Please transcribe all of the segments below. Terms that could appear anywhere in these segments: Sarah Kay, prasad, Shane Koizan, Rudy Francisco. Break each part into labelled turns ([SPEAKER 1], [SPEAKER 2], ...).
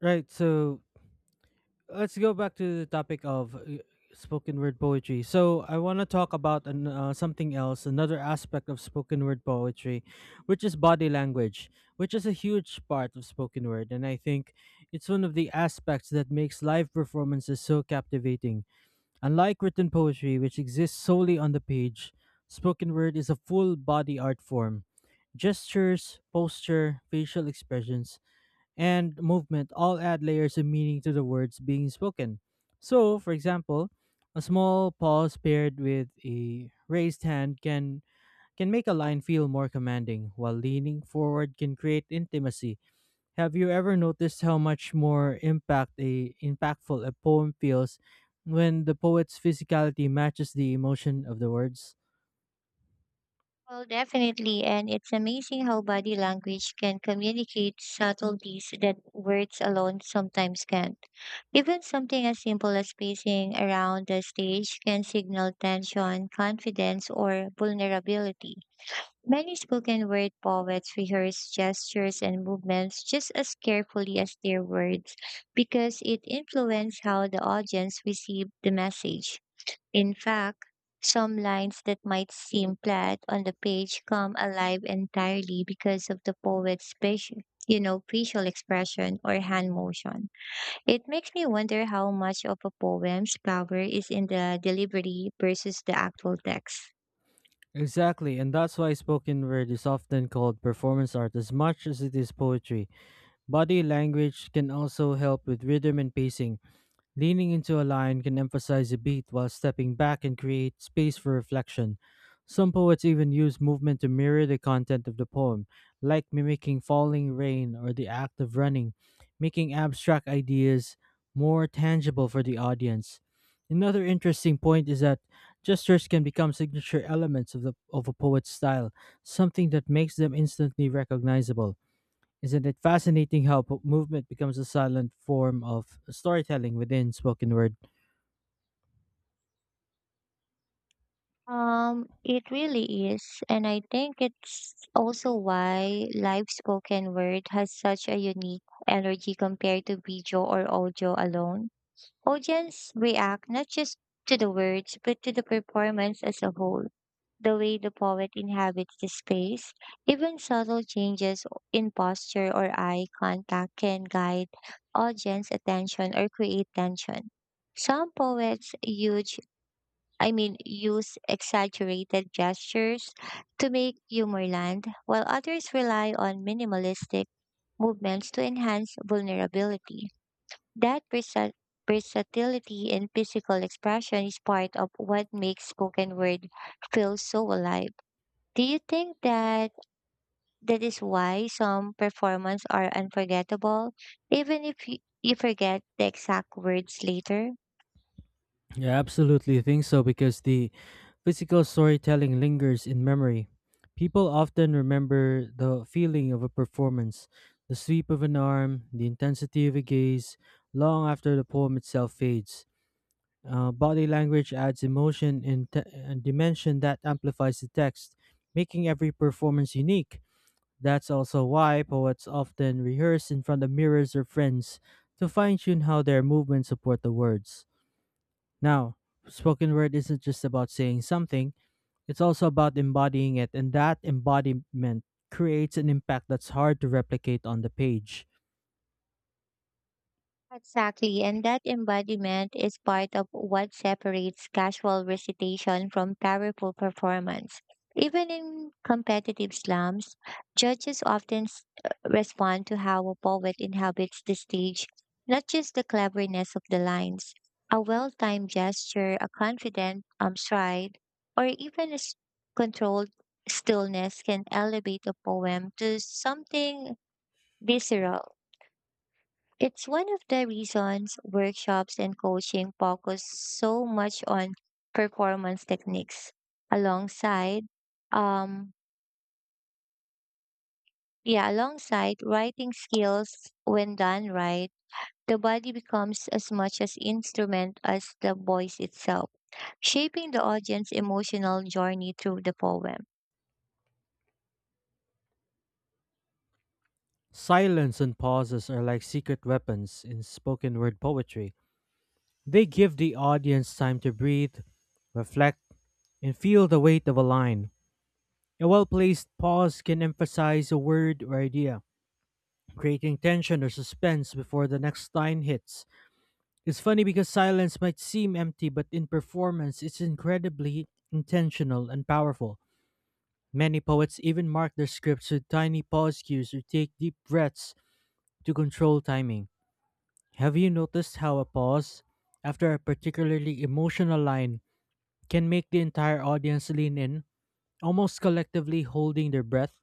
[SPEAKER 1] Right. So let's go back to the topic of spoken word poetry. So I want to talk about something else, another aspect of spoken word poetry, which is body language, which is a huge part of spoken word. And I think it's one of the aspects that makes live performances so captivating. Unlike written poetry, which exists solely on the page, spoken word is a full body art form. Gestures, posture, facial expressions, and movement all add layers of meaning to the words being spoken. So, for example, a small pause paired with a raised hand can make a line feel more commanding, while leaning forward can create intimacy. Have you ever noticed how much more impactful a poem feels when the poet's physicality matches the emotion of the words?
[SPEAKER 2] Well, definitely. And it's amazing how body language can communicate subtleties that words alone sometimes can't. Even something as simple as pacing around the stage can signal tension, confidence, or vulnerability. Many spoken word poets rehearse gestures and movements just as carefully as their words because it influences how the audience receives the message. In fact, some lines that might seem flat on the page come alive entirely because of the poet's facial expression or hand motion. It makes me wonder how much of a poem's power is in the delivery versus the actual text.
[SPEAKER 1] Exactly, and that's why spoken word is often called performance art as much as it is poetry. Body language can also help with rhythm and pacing. Leaning into a line can emphasize a beat while stepping back and create space for reflection. Some poets even use movement to mirror the content of the poem, like mimicking falling rain or the act of running, making abstract ideas more tangible for the audience. Another interesting point is that gestures can become signature elements of a poet's style, something that makes them instantly recognizable. Isn't it fascinating how movement becomes a silent form of storytelling within spoken word?
[SPEAKER 2] It really is, and I think it's also why live spoken word has such a unique energy compared to video or audio alone. Audience react not just to the words, but to the performance as a whole. The way the poet inhabits the space, even subtle changes in posture or eye contact can guide audience attention or create tension. Some poets huge I mean use exaggerated gestures to make humor land, while others rely on minimalistic movements to enhance vulnerability. That versatility in physical expression is part of what makes spoken word feel so alive. Do you think that is why some performances are unforgettable, even if you forget the exact words later?
[SPEAKER 1] I absolutely think so because the physical storytelling lingers in memory. People often remember the feeling of a performance, the sweep of an arm, the intensity of a gaze, long after the poem itself fades. Body language adds emotion and dimension that amplifies the text, making every performance unique. That's also why poets often rehearse in front of mirrors or friends to fine tune how their movements support the words. Now, spoken word isn't just about saying something, it's also about embodying it, and that embodiment creates an impact that's hard to replicate on the page.
[SPEAKER 2] Exactly, and that embodiment is part of what separates casual recitation from powerful performance. Even in competitive slams, judges often respond to how a poet inhabits the stage, not just the cleverness of the lines. A well timed gesture, a confident stride, or even a controlled stillness can elevate a poem to something visceral. It's one of the reasons workshops and coaching focus so much on performance techniques alongside um yeah, alongside writing skills. When done right, the body becomes as much as instrument as the voice itself, shaping the audience's emotional journey through the poem.
[SPEAKER 1] Silence and pauses are like secret weapons in spoken word poetry. They give the audience time to breathe, reflect, and feel the weight of a line. A well placed pause can emphasize a word or idea, creating tension or suspense before the next line hits. It's funny because silence might seem empty, but in performance, it's incredibly intentional and powerful. Many poets even mark their scripts with tiny pause cues or take deep breaths to control timing. Have you noticed how a pause after a particularly emotional line can make the entire audience lean in, almost collectively holding their breath?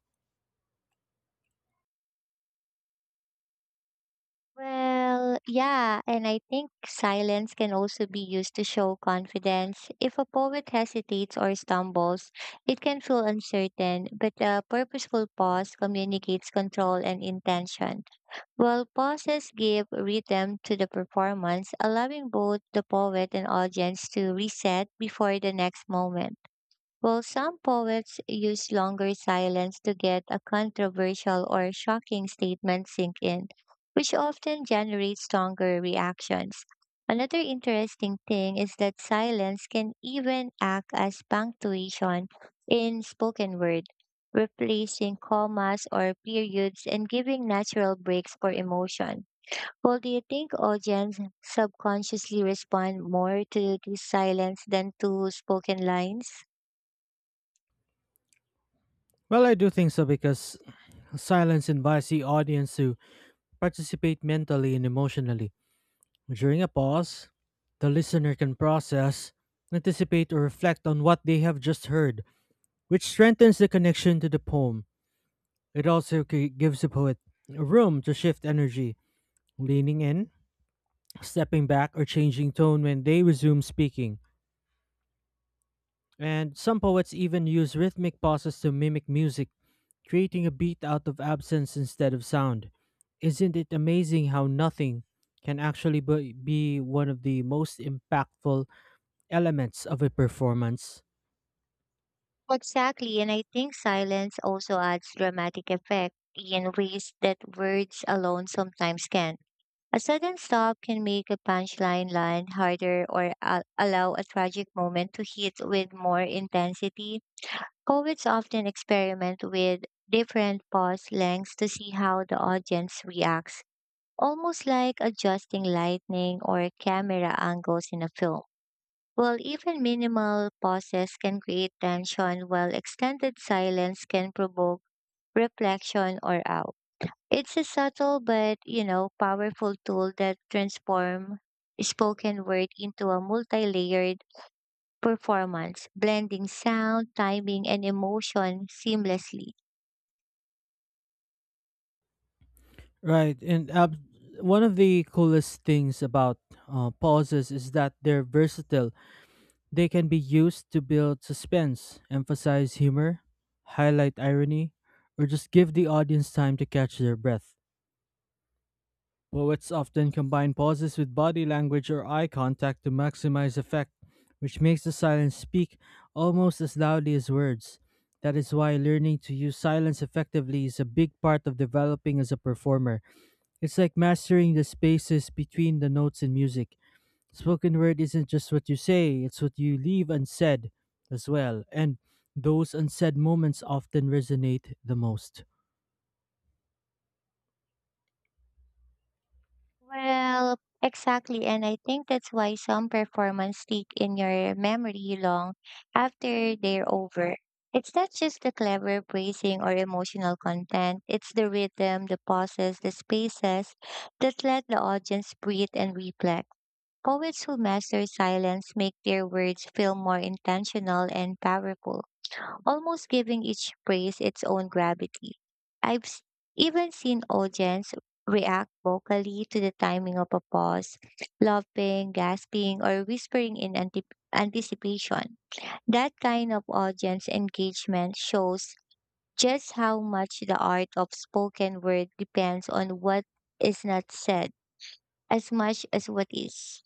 [SPEAKER 2] Well, yeah, and I think silence can also be used to show confidence. If a poet hesitates or stumbles, it can feel uncertain, but a purposeful pause communicates control and intention. While pauses give rhythm to the performance, allowing both the poet and audience to reset before the next moment. While some poets use longer silence to get a controversial or shocking statement sink in, which often generates stronger reactions. Another interesting thing is that silence can even act as punctuation in spoken word, replacing commas or periods and giving natural breaks for emotion. Well, do you think audience subconsciously respond more to this silence than to spoken lines?
[SPEAKER 1] Well, I do think so because silence invites the audience to participate mentally and emotionally. During a pause, the listener can process, anticipate, or reflect on what they have just heard, which strengthens the connection to the poem. It also gives the poet room to shift energy, leaning in, stepping back, or changing tone when they resume speaking. And some poets even use rhythmic pauses to mimic music, creating a beat out of absence instead of sound. Isn't it amazing how nothing can actually be one of the most impactful elements of a performance?
[SPEAKER 2] Exactly, and I think silence also adds dramatic effect in ways that words alone sometimes can. A sudden stop can make a punchline line harder or allow a tragic moment to hit with more intensity. Poets often experiment with different pause lengths to see how the audience reacts, almost like adjusting lighting or camera angles in a film. Well, even minimal pauses can create tension, while extended silence can provoke reflection or out. It's a subtle but, you know, powerful tool that transforms spoken word into a multi-layered performance, blending sound, timing, and emotion seamlessly.
[SPEAKER 1] Right, and one of the coolest things about pauses is that they're versatile. They can be used to build suspense, emphasize humor, highlight irony, or just give the audience time to catch their breath. Poets often combine pauses with body language or eye contact to maximize effect, which makes the silence speak almost as loudly as words. That is why learning to use silence effectively is a big part of developing as a performer. It's like mastering the spaces between the notes in music. Spoken word isn't just what you say, it's what you leave unsaid as well, and those unsaid moments often resonate the most.
[SPEAKER 2] Well, exactly. And I think that's why some performances stick in your memory long after they're over. It's not just the clever phrasing or emotional content, it's the rhythm, the pauses, the spaces that let the audience breathe and reflect. Poets who master silence make their words feel more intentional and powerful, almost giving each phrase its own gravity. I've s- even seen audience react vocally to the timing of a pause, laughing, gasping, or whispering in antip anticipation. That kind of audience engagement shows just how much the art of spoken word depends on what is not said as much as what is.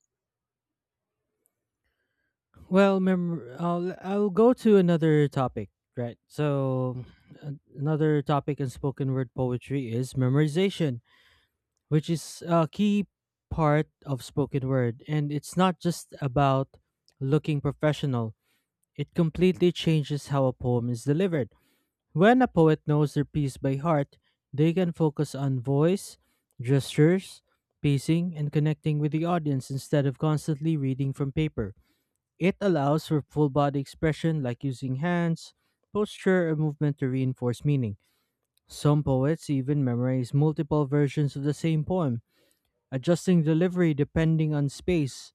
[SPEAKER 1] Well, I'll go to another topic, right? So, another topic in spoken word poetry is memorization, which is a key part of spoken word, and it's not just about looking professional. It completely changes how a poem is delivered. When a poet knows their piece by heart, they can focus on voice, gestures, pacing, and connecting with the audience instead of constantly reading from paper. It allows for full body expression like using hands, posture, or movement to reinforce meaning. Some poets even memorize multiple versions of the same poem, adjusting delivery depending on space,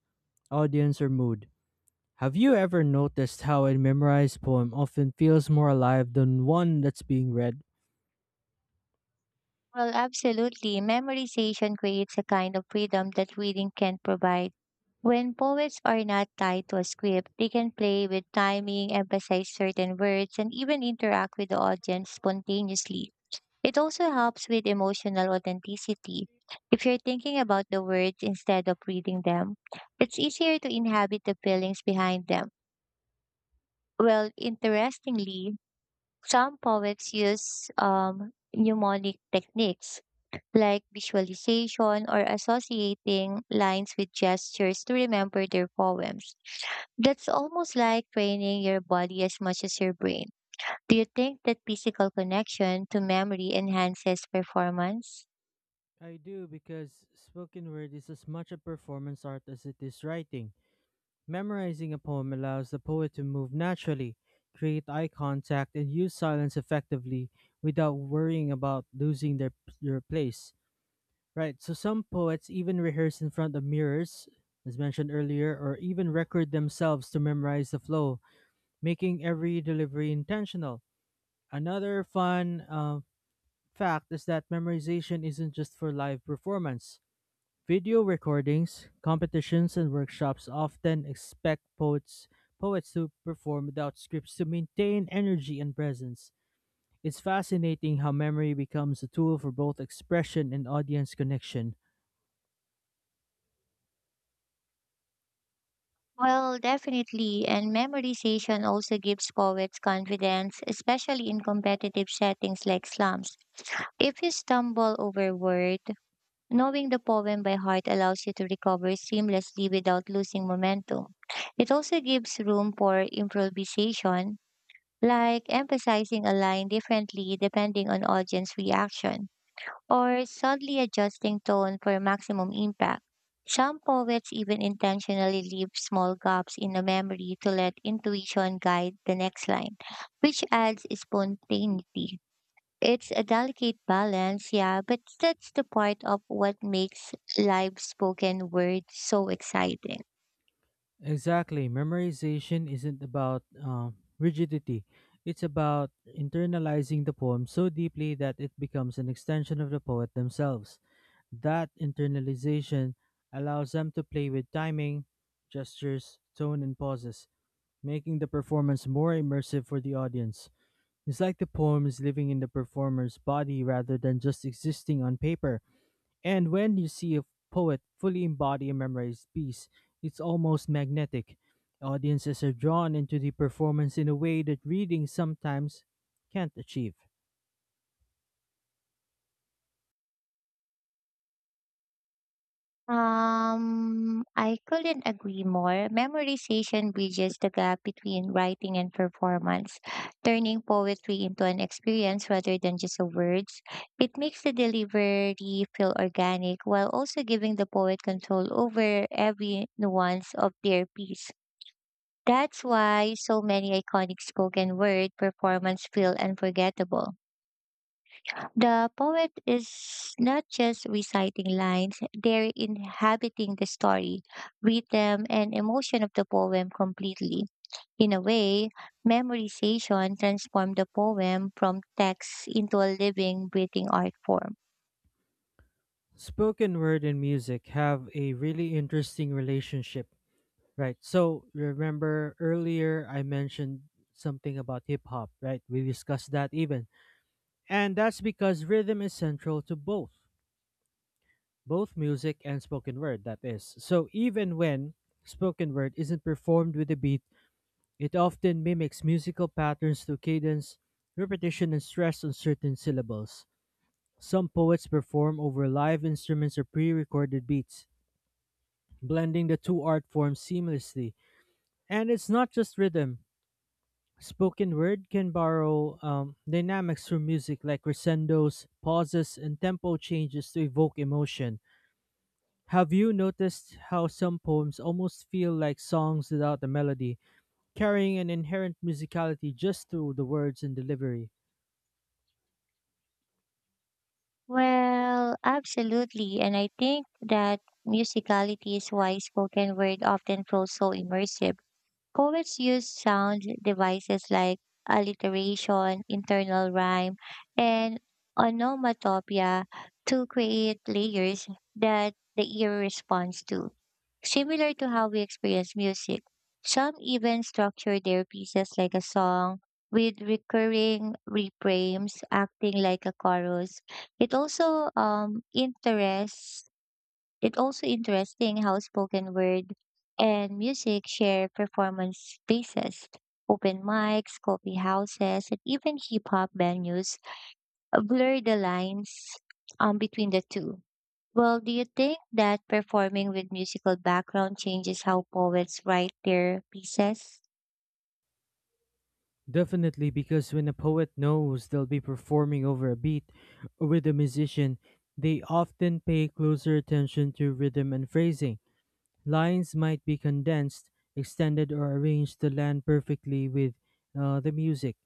[SPEAKER 1] audience, or mood. Have you ever noticed how a memorized poem often feels more alive than one that's being read?
[SPEAKER 2] Well, absolutely. Memorization creates a kind of freedom that reading can't provide. When poets are not tied to a script, they can play with timing, emphasize certain words, and even interact with the audience spontaneously. It also helps with emotional authenticity. If you're thinking about the words instead of reading them, it's easier to inhabit the feelings behind them. Well, interestingly, some poets use mnemonic techniques like visualization or associating lines with gestures to remember their poems. That's almost like training your body as much as your brain. Do you think that physical connection to memory enhances performance?
[SPEAKER 1] I do because spoken word is as much a performance art as it is writing. Memorizing a poem allows the poet to move naturally, create eye contact, and use silence effectively without worrying about losing their your place. Right. So some poets even rehearse in front of mirrors, as mentioned earlier, or even record themselves to memorize the flow, making every delivery intentional. Another fun fact is that memorization isn't just for live performance. Video recordings, competitions, and workshops often expect poets to perform without scripts to maintain energy and presence. It's fascinating how memory becomes a tool for both expression and audience connection.
[SPEAKER 2] Well, definitely, and memorization also gives poets confidence, especially in competitive settings like slams. If you stumble over word, knowing the poem by heart allows you to recover seamlessly without losing momentum. It also gives room for improvisation, like emphasizing a line differently depending on audience reaction, or subtly adjusting tone for maximum impact. Some poets even intentionally leave small gaps in the memory to let intuition guide the next line, which adds spontaneity. It's a delicate balance, yeah, but that's the part of what makes live spoken word so exciting.
[SPEAKER 1] Exactly. Memorization isn't about rigidity, it's about internalizing the poem so deeply that it becomes an extension of the poet themselves. That internalization allows them to play with timing, gestures, tone, and pauses, making the performance more immersive for the audience. It's like the poem is living in the performer's body rather than just existing on paper. And when you see a poet fully embody a memorized piece, it's almost magnetic. Audiences are drawn into the performance in a way that reading sometimes can't achieve.
[SPEAKER 2] I couldn't agree more. Memorization bridges the gap between writing and performance, turning poetry into an experience rather than just a words. It makes the delivery feel organic while also giving the poet control over every nuance of their piece. That's why so many iconic spoken word performances feel unforgettable. The poet is not just reciting lines, they're inhabiting the story, rhythm, and emotion of the poem completely. In a way, memorization transformed the poem from text into a living, breathing art form.
[SPEAKER 1] Spoken word and music have a really interesting relationship, right? So, remember earlier I mentioned something about hip hop, right? We discussed that even. And that's because rhythm is central to both music and spoken word, that is. So even when spoken word isn't performed with a beat, it often mimics musical patterns through cadence, repetition, and stress on certain syllables. Some poets perform over live instruments or pre recorded beats, blending the two art forms seamlessly. And it's not just rhythm. Spoken word can borrow dynamics from music like crescendos, pauses, and tempo changes to evoke emotion. Have you noticed how some poems almost feel like songs without a melody, carrying an inherent musicality just through the words and delivery?
[SPEAKER 2] Well, absolutely. And I think that musicality is why spoken word often feels so immersive. Poets use sound devices like alliteration, internal rhyme, and onomatopoeia to create layers that the ear responds to, similar to how we experience music. Some even structure their pieces like a song with recurring refrains acting like a chorus. It also interests it's also interesting how spoken word and music share performance spaces. Open mics, coffee houses, and even hip hop venues blur the lines between the two. Well, do you think that performing with musical background changes how poets write their pieces?
[SPEAKER 1] Definitely, because when a poet knows they'll be performing over a beat or with a musician, they often pay closer attention to rhythm and phrasing. Lines might be condensed, extended, or arranged to land perfectly with the music.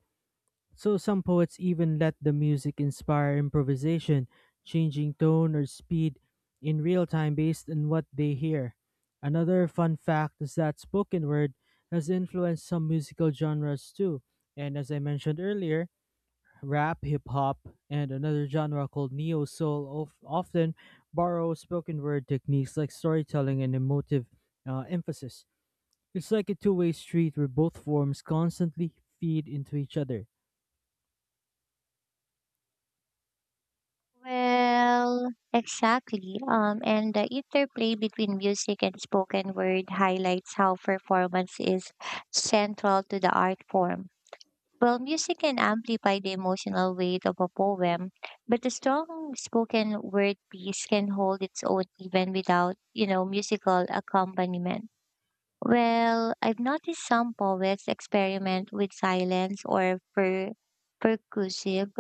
[SPEAKER 1] So some poets even let the music inspire improvisation, changing tone or speed in real time based on what they hear. Another fun fact is that spoken word has influenced some musical genres too. And as I mentioned earlier, rap, hip hop, and another genre called neo soul often borrow spoken word techniques like storytelling and emotive emphasis. It's like a two-way street where both forms constantly feed into each other.
[SPEAKER 2] Well, exactly. And the interplay between music and spoken word highlights how performance is central to the art form. Well, music can amplify the emotional weight of a poem, but a strong spoken word piece can hold its own even without, you know, musical accompaniment. Well, I've noticed some poets experiment with silence or percussive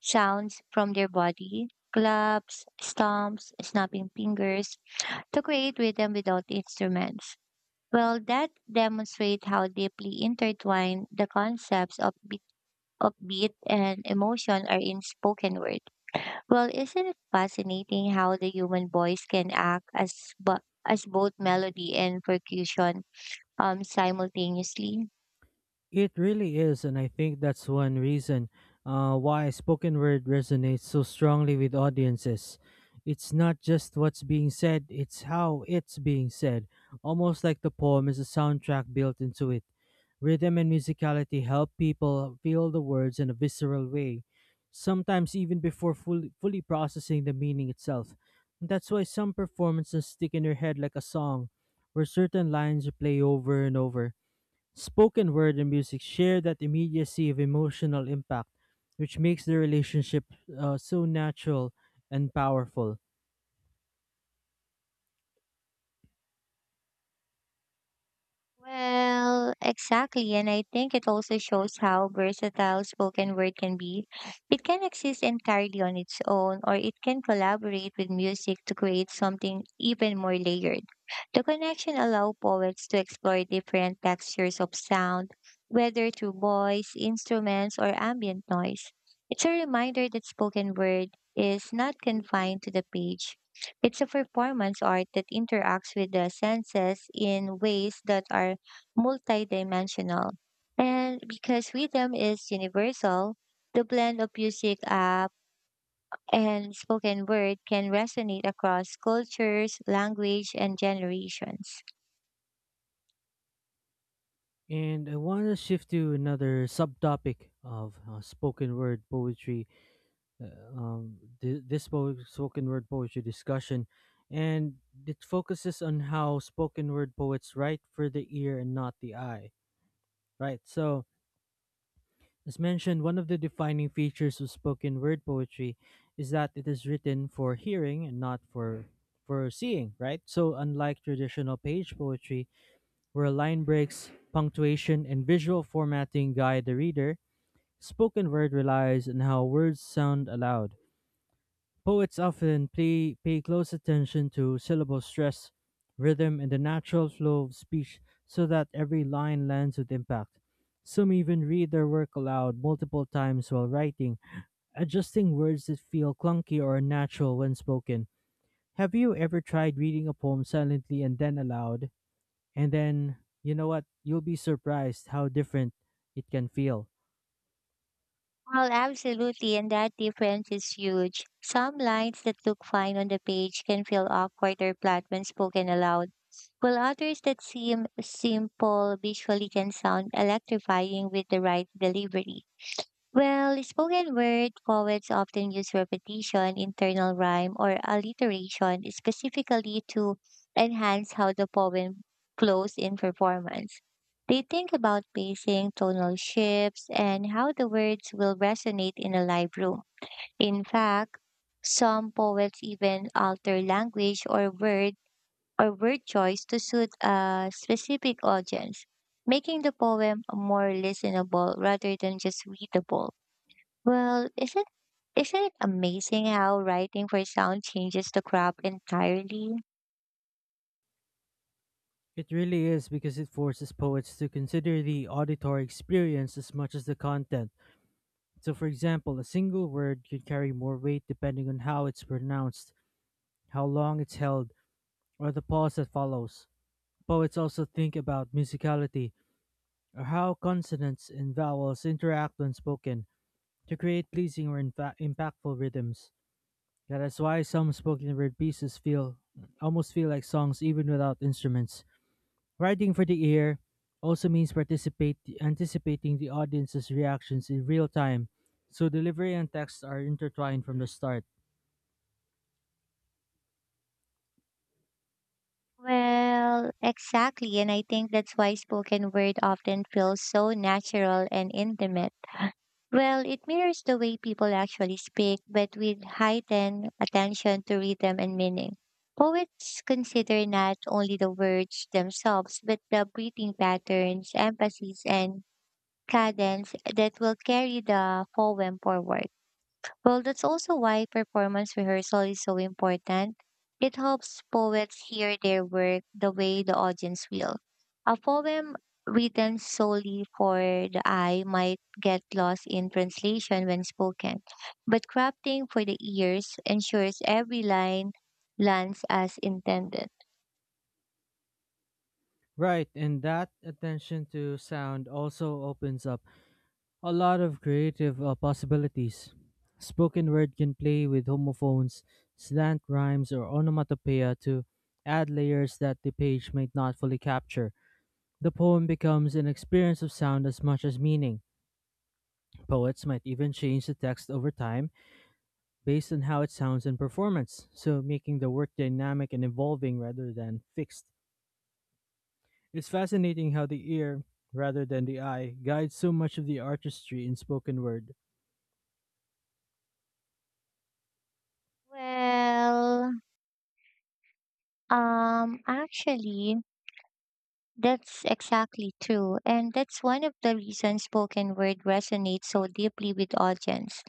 [SPEAKER 2] sounds from their body, claps, stomps, snapping fingers, to create rhythm without instruments. Well, that demonstrates how deeply intertwined the concepts of upbeat and emotion are in spoken word. Well, isn't it fascinating how the human voice can act as, as both melody and percussion simultaneously?
[SPEAKER 1] It really is, and I think that's one reason why spoken word resonates so strongly with audiences. It's not just what's being said, it's how it's being said, almost like the poem is a soundtrack built into it. Rhythm and musicality help people feel the words in a visceral way, sometimes even before fully processing the meaning itself. That's why some performances stick in your head like a song, where certain lines play over and over. Spoken word and music share that immediacy of emotional impact, which makes the relationship so natural and powerful.
[SPEAKER 2] Well, exactly. And I think it also shows how versatile spoken word can be. It can exist entirely on its own, or it can collaborate with music to create something even more layered. The connection allows poets to explore different textures of sound, whether through voice, instruments, or ambient noise. It's a reminder that spoken word is not confined to the page. It's a performance art that interacts with the senses in ways that are multidimensional. And because rhythm is universal, the blend of music app and spoken word can resonate across cultures, language, and generations.
[SPEAKER 1] And I want to shift to another subtopic of spoken word poetry, spoken word poetry discussion. And it focuses on how spoken word poets write for the ear and not the eye, right? So, as mentioned, one of the defining features of spoken word poetry is that it is written for hearing and not for seeing, right? So unlike traditional page poetry, where line breaks, punctuation, and visual formatting guide the reader, spoken word relies on how words sound aloud. Poets often pay close attention to syllable stress, rhythm, and the natural flow of speech so that every line lands with impact. Some even read their work aloud multiple times while writing, adjusting words that feel clunky or unnatural when spoken. Have you ever tried reading a poem silently and then aloud? And then, you know what? You'll be surprised how different it can feel.
[SPEAKER 2] Well, absolutely, and that difference is huge. Some lines that look fine on the page can feel awkward or flat when spoken aloud, while others that seem simple visually can sound electrifying with the right delivery. Well, spoken word poets often use repetition, internal rhyme, or alliteration specifically to enhance how the poem flows in performance. They think about pacing, tonal shifts, and how the words will resonate in a live room. In fact, some poets even alter language or word choice to suit a specific audience, making the poem more listenable rather than just readable. Well, isn't it amazing how writing for sound changes the crop entirely?
[SPEAKER 1] It really is because it forces poets to consider the auditory experience as much as the content. So, for example, a single word can carry more weight depending on how it's pronounced, how long it's held, or the pause that follows. Poets also think about musicality, or how consonants and vowels interact when spoken, to create pleasing or impactful rhythms. Yeah, that's why some spoken word pieces feel almost feel like songs even without instruments. Writing for the ear also means participate anticipating the audience's reactions in real time, so delivery and text are intertwined from the start.
[SPEAKER 2] Well, exactly, and I think that's why spoken word often feels so natural and intimate. Well, it mirrors the way people actually speak, but with heightened attention to rhythm and meaning. Poets consider not only the words themselves, but the breathing patterns, emphasis, and cadence that will carry the poem forward. Well, that's also why performance rehearsal is so important. It helps poets hear their work the way the audience will. A poem written solely for the eye might get lost in translation when spoken, but crafting for the ears ensures every line lands as intended.
[SPEAKER 1] Right, and that attention to sound also opens up a lot of creative possibilities. Spoken word can play with homophones, slant rhymes, or onomatopoeia to add layers that the page might not fully capture. The poem becomes an experience of sound as much as meaning. Poets might even change the text over time based on how it sounds and performance, so making the work dynamic and evolving rather than fixed. It's fascinating how the ear, rather than the eye, guides so much of the artistry in spoken word.
[SPEAKER 2] Well, um, actually, that's exactly true. And that's one of the reasons spoken word resonates so deeply with audience.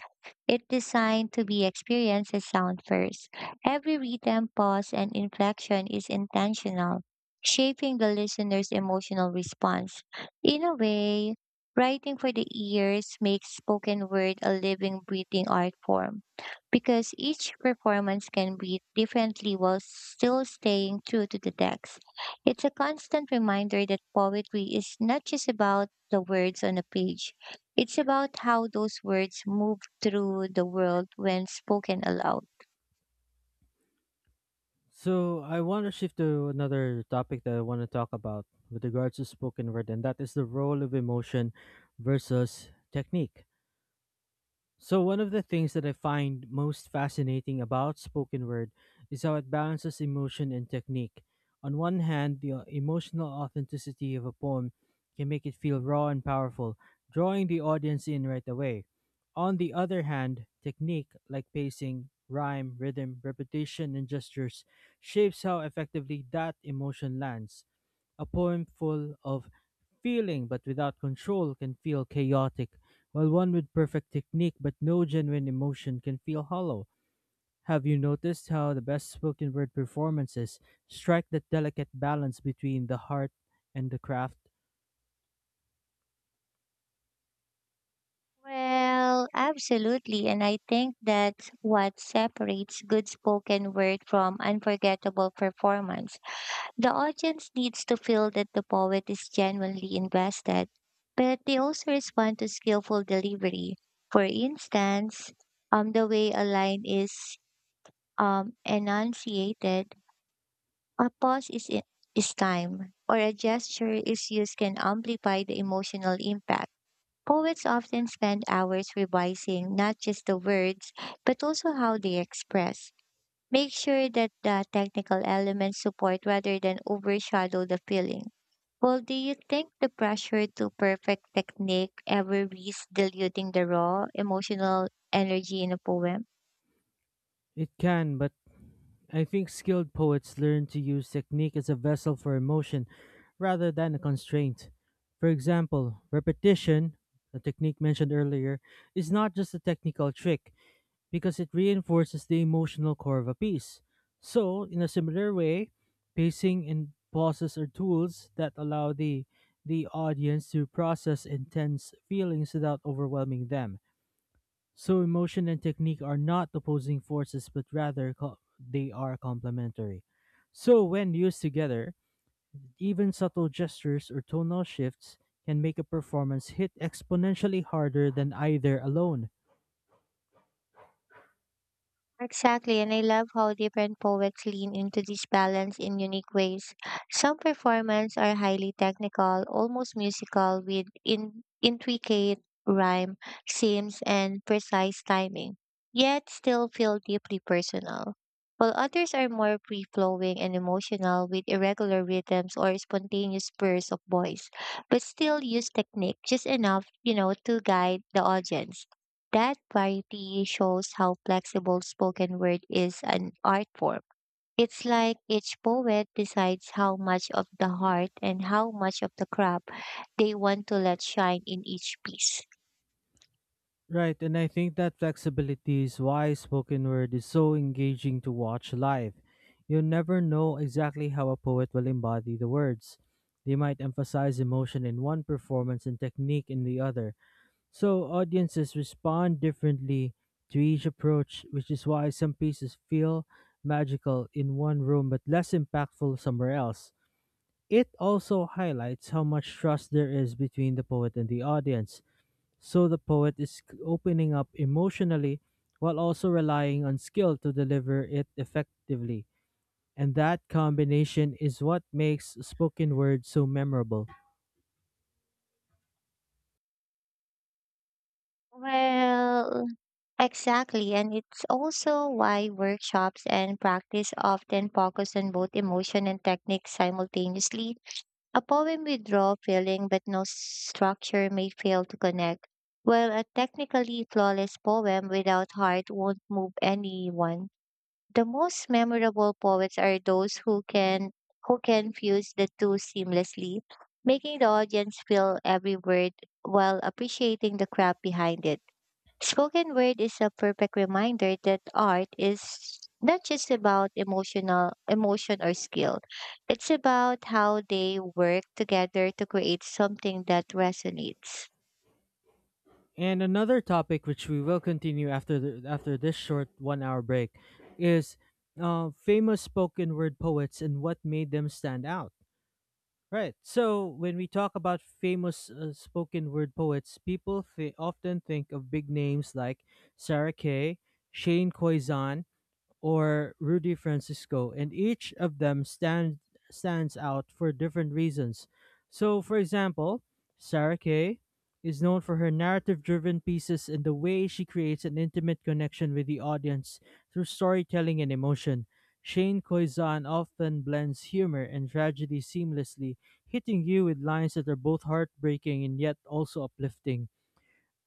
[SPEAKER 2] It's designed to be experienced as sound first. Every rhythm, pause, and inflection is intentional, shaping the listener's emotional response. In a way, writing for the ears makes spoken word a living, breathing art form because each performance can breathe differently while still staying true to the text. It's a constant reminder that poetry is not just about the words on a page. It's about how those words move through the world when spoken aloud.
[SPEAKER 1] So I want to shift to another topic that I want to talk about with regards to spoken word, and that is the role of emotion versus technique. So, one of the things that I find most fascinating about spoken word is how it balances emotion and technique. On one hand, the emotional authenticity of a poem can make it feel raw and powerful, drawing the audience in right away. On the other hand, technique like pacing, rhyme, rhythm, repetition, and gestures shapes how effectively that emotion lands. A poem full of feeling but without control can feel chaotic, while one with perfect technique but no genuine emotion can feel hollow. Have you noticed how the best spoken word performances strike that delicate balance between the heart and the craft?
[SPEAKER 2] Well, absolutely. And I think that's what separates good spoken word from unforgettable performance. The audience needs to feel that the poet is genuinely invested, but they also respond to skillful delivery. For instance, the way a line is enunciated, a is time, or a gesture is used can amplify the emotional impact. Poets often spend hours revising not just the words, but also how they express. Make sure that the technical elements support rather than overshadow the feeling. Well, do you think the pressure to perfect technique ever risks diluting the raw emotional energy in a poem?
[SPEAKER 1] It can, but I think skilled poets learn to use technique as a vessel for emotion rather than a constraint. For example, repetition, the technique mentioned earlier, is not just a technical trick, because it reinforces the emotional core of a piece. So, in a similar way, pacing and pauses are tools that allow the audience to process intense feelings without overwhelming them. So, emotion and technique are not opposing forces, but rather they are complementary. So, when used together, even subtle gestures or tonal shifts can make a performance hit exponentially harder than either alone.
[SPEAKER 2] Exactly, and I love how different poets lean into this balance in unique ways. Some performances are highly technical, almost musical, with intricate rhyme, seams, and precise timing, yet still feel deeply personal. While others are more free flowing and emotional with irregular rhythms or spontaneous spurs of voice, but still use technique just enough, you know, to guide the audience. That variety shows how flexible spoken word is an art form. It's like each poet decides how much of the heart and how much of the craft they want to let shine in each piece.
[SPEAKER 1] Right, and I think that flexibility is why spoken word is so engaging to watch live. You never know exactly how a poet will embody the words. They might emphasize emotion in one performance and technique in the other. So audiences respond differently to each approach, which is why some pieces feel magical in one room but less impactful somewhere else. It also highlights how much trust there is between the poet and the audience so the poet is opening up emotionally while also relying on skill to deliver it effectively. And that combination is what makes spoken word so memorable.
[SPEAKER 2] Well, exactly. And it's also why workshops and practice often focus on both emotion and technique simultaneously. A poem with raw feeling but no structure may fail to connect, while a technically flawless poem without heart won't move anyone. The most memorable poets are those who can fuse the two seamlessly, making the audience feel every word while appreciating the craft behind it. Spoken word is a perfect reminder that art is not just about emotional emotion or skill. It's about how they work together to create something that resonates.
[SPEAKER 1] And another topic which we will continue after this short 1-hour break is famous spoken word poets and what made them stand out. Right. So when we talk about famous spoken word poets, often think of big names like Sarah Kay, Shane Koizan, or Rudy Francisco, and each of them stand, stands out for different reasons. So, for example, Sarah Kay is known for her narrative driven pieces and the way she creates an intimate connection with the audience through storytelling and emotion. Shane Koizan often blends humor and tragedy seamlessly, hitting you with lines that are both heartbreaking and yet also uplifting.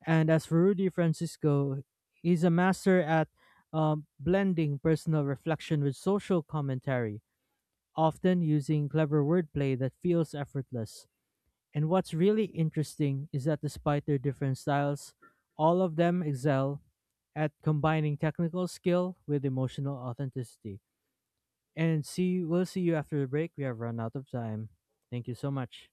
[SPEAKER 1] And as for Rudy Francisco, he's a master at blending personal reflection with social commentary, often using clever wordplay that feels effortless. And what's really interesting is that despite their different styles, all of them excel at combining technical skill with emotional authenticity. And see, we'll see you after the break. We have run out of time. Thank you so much.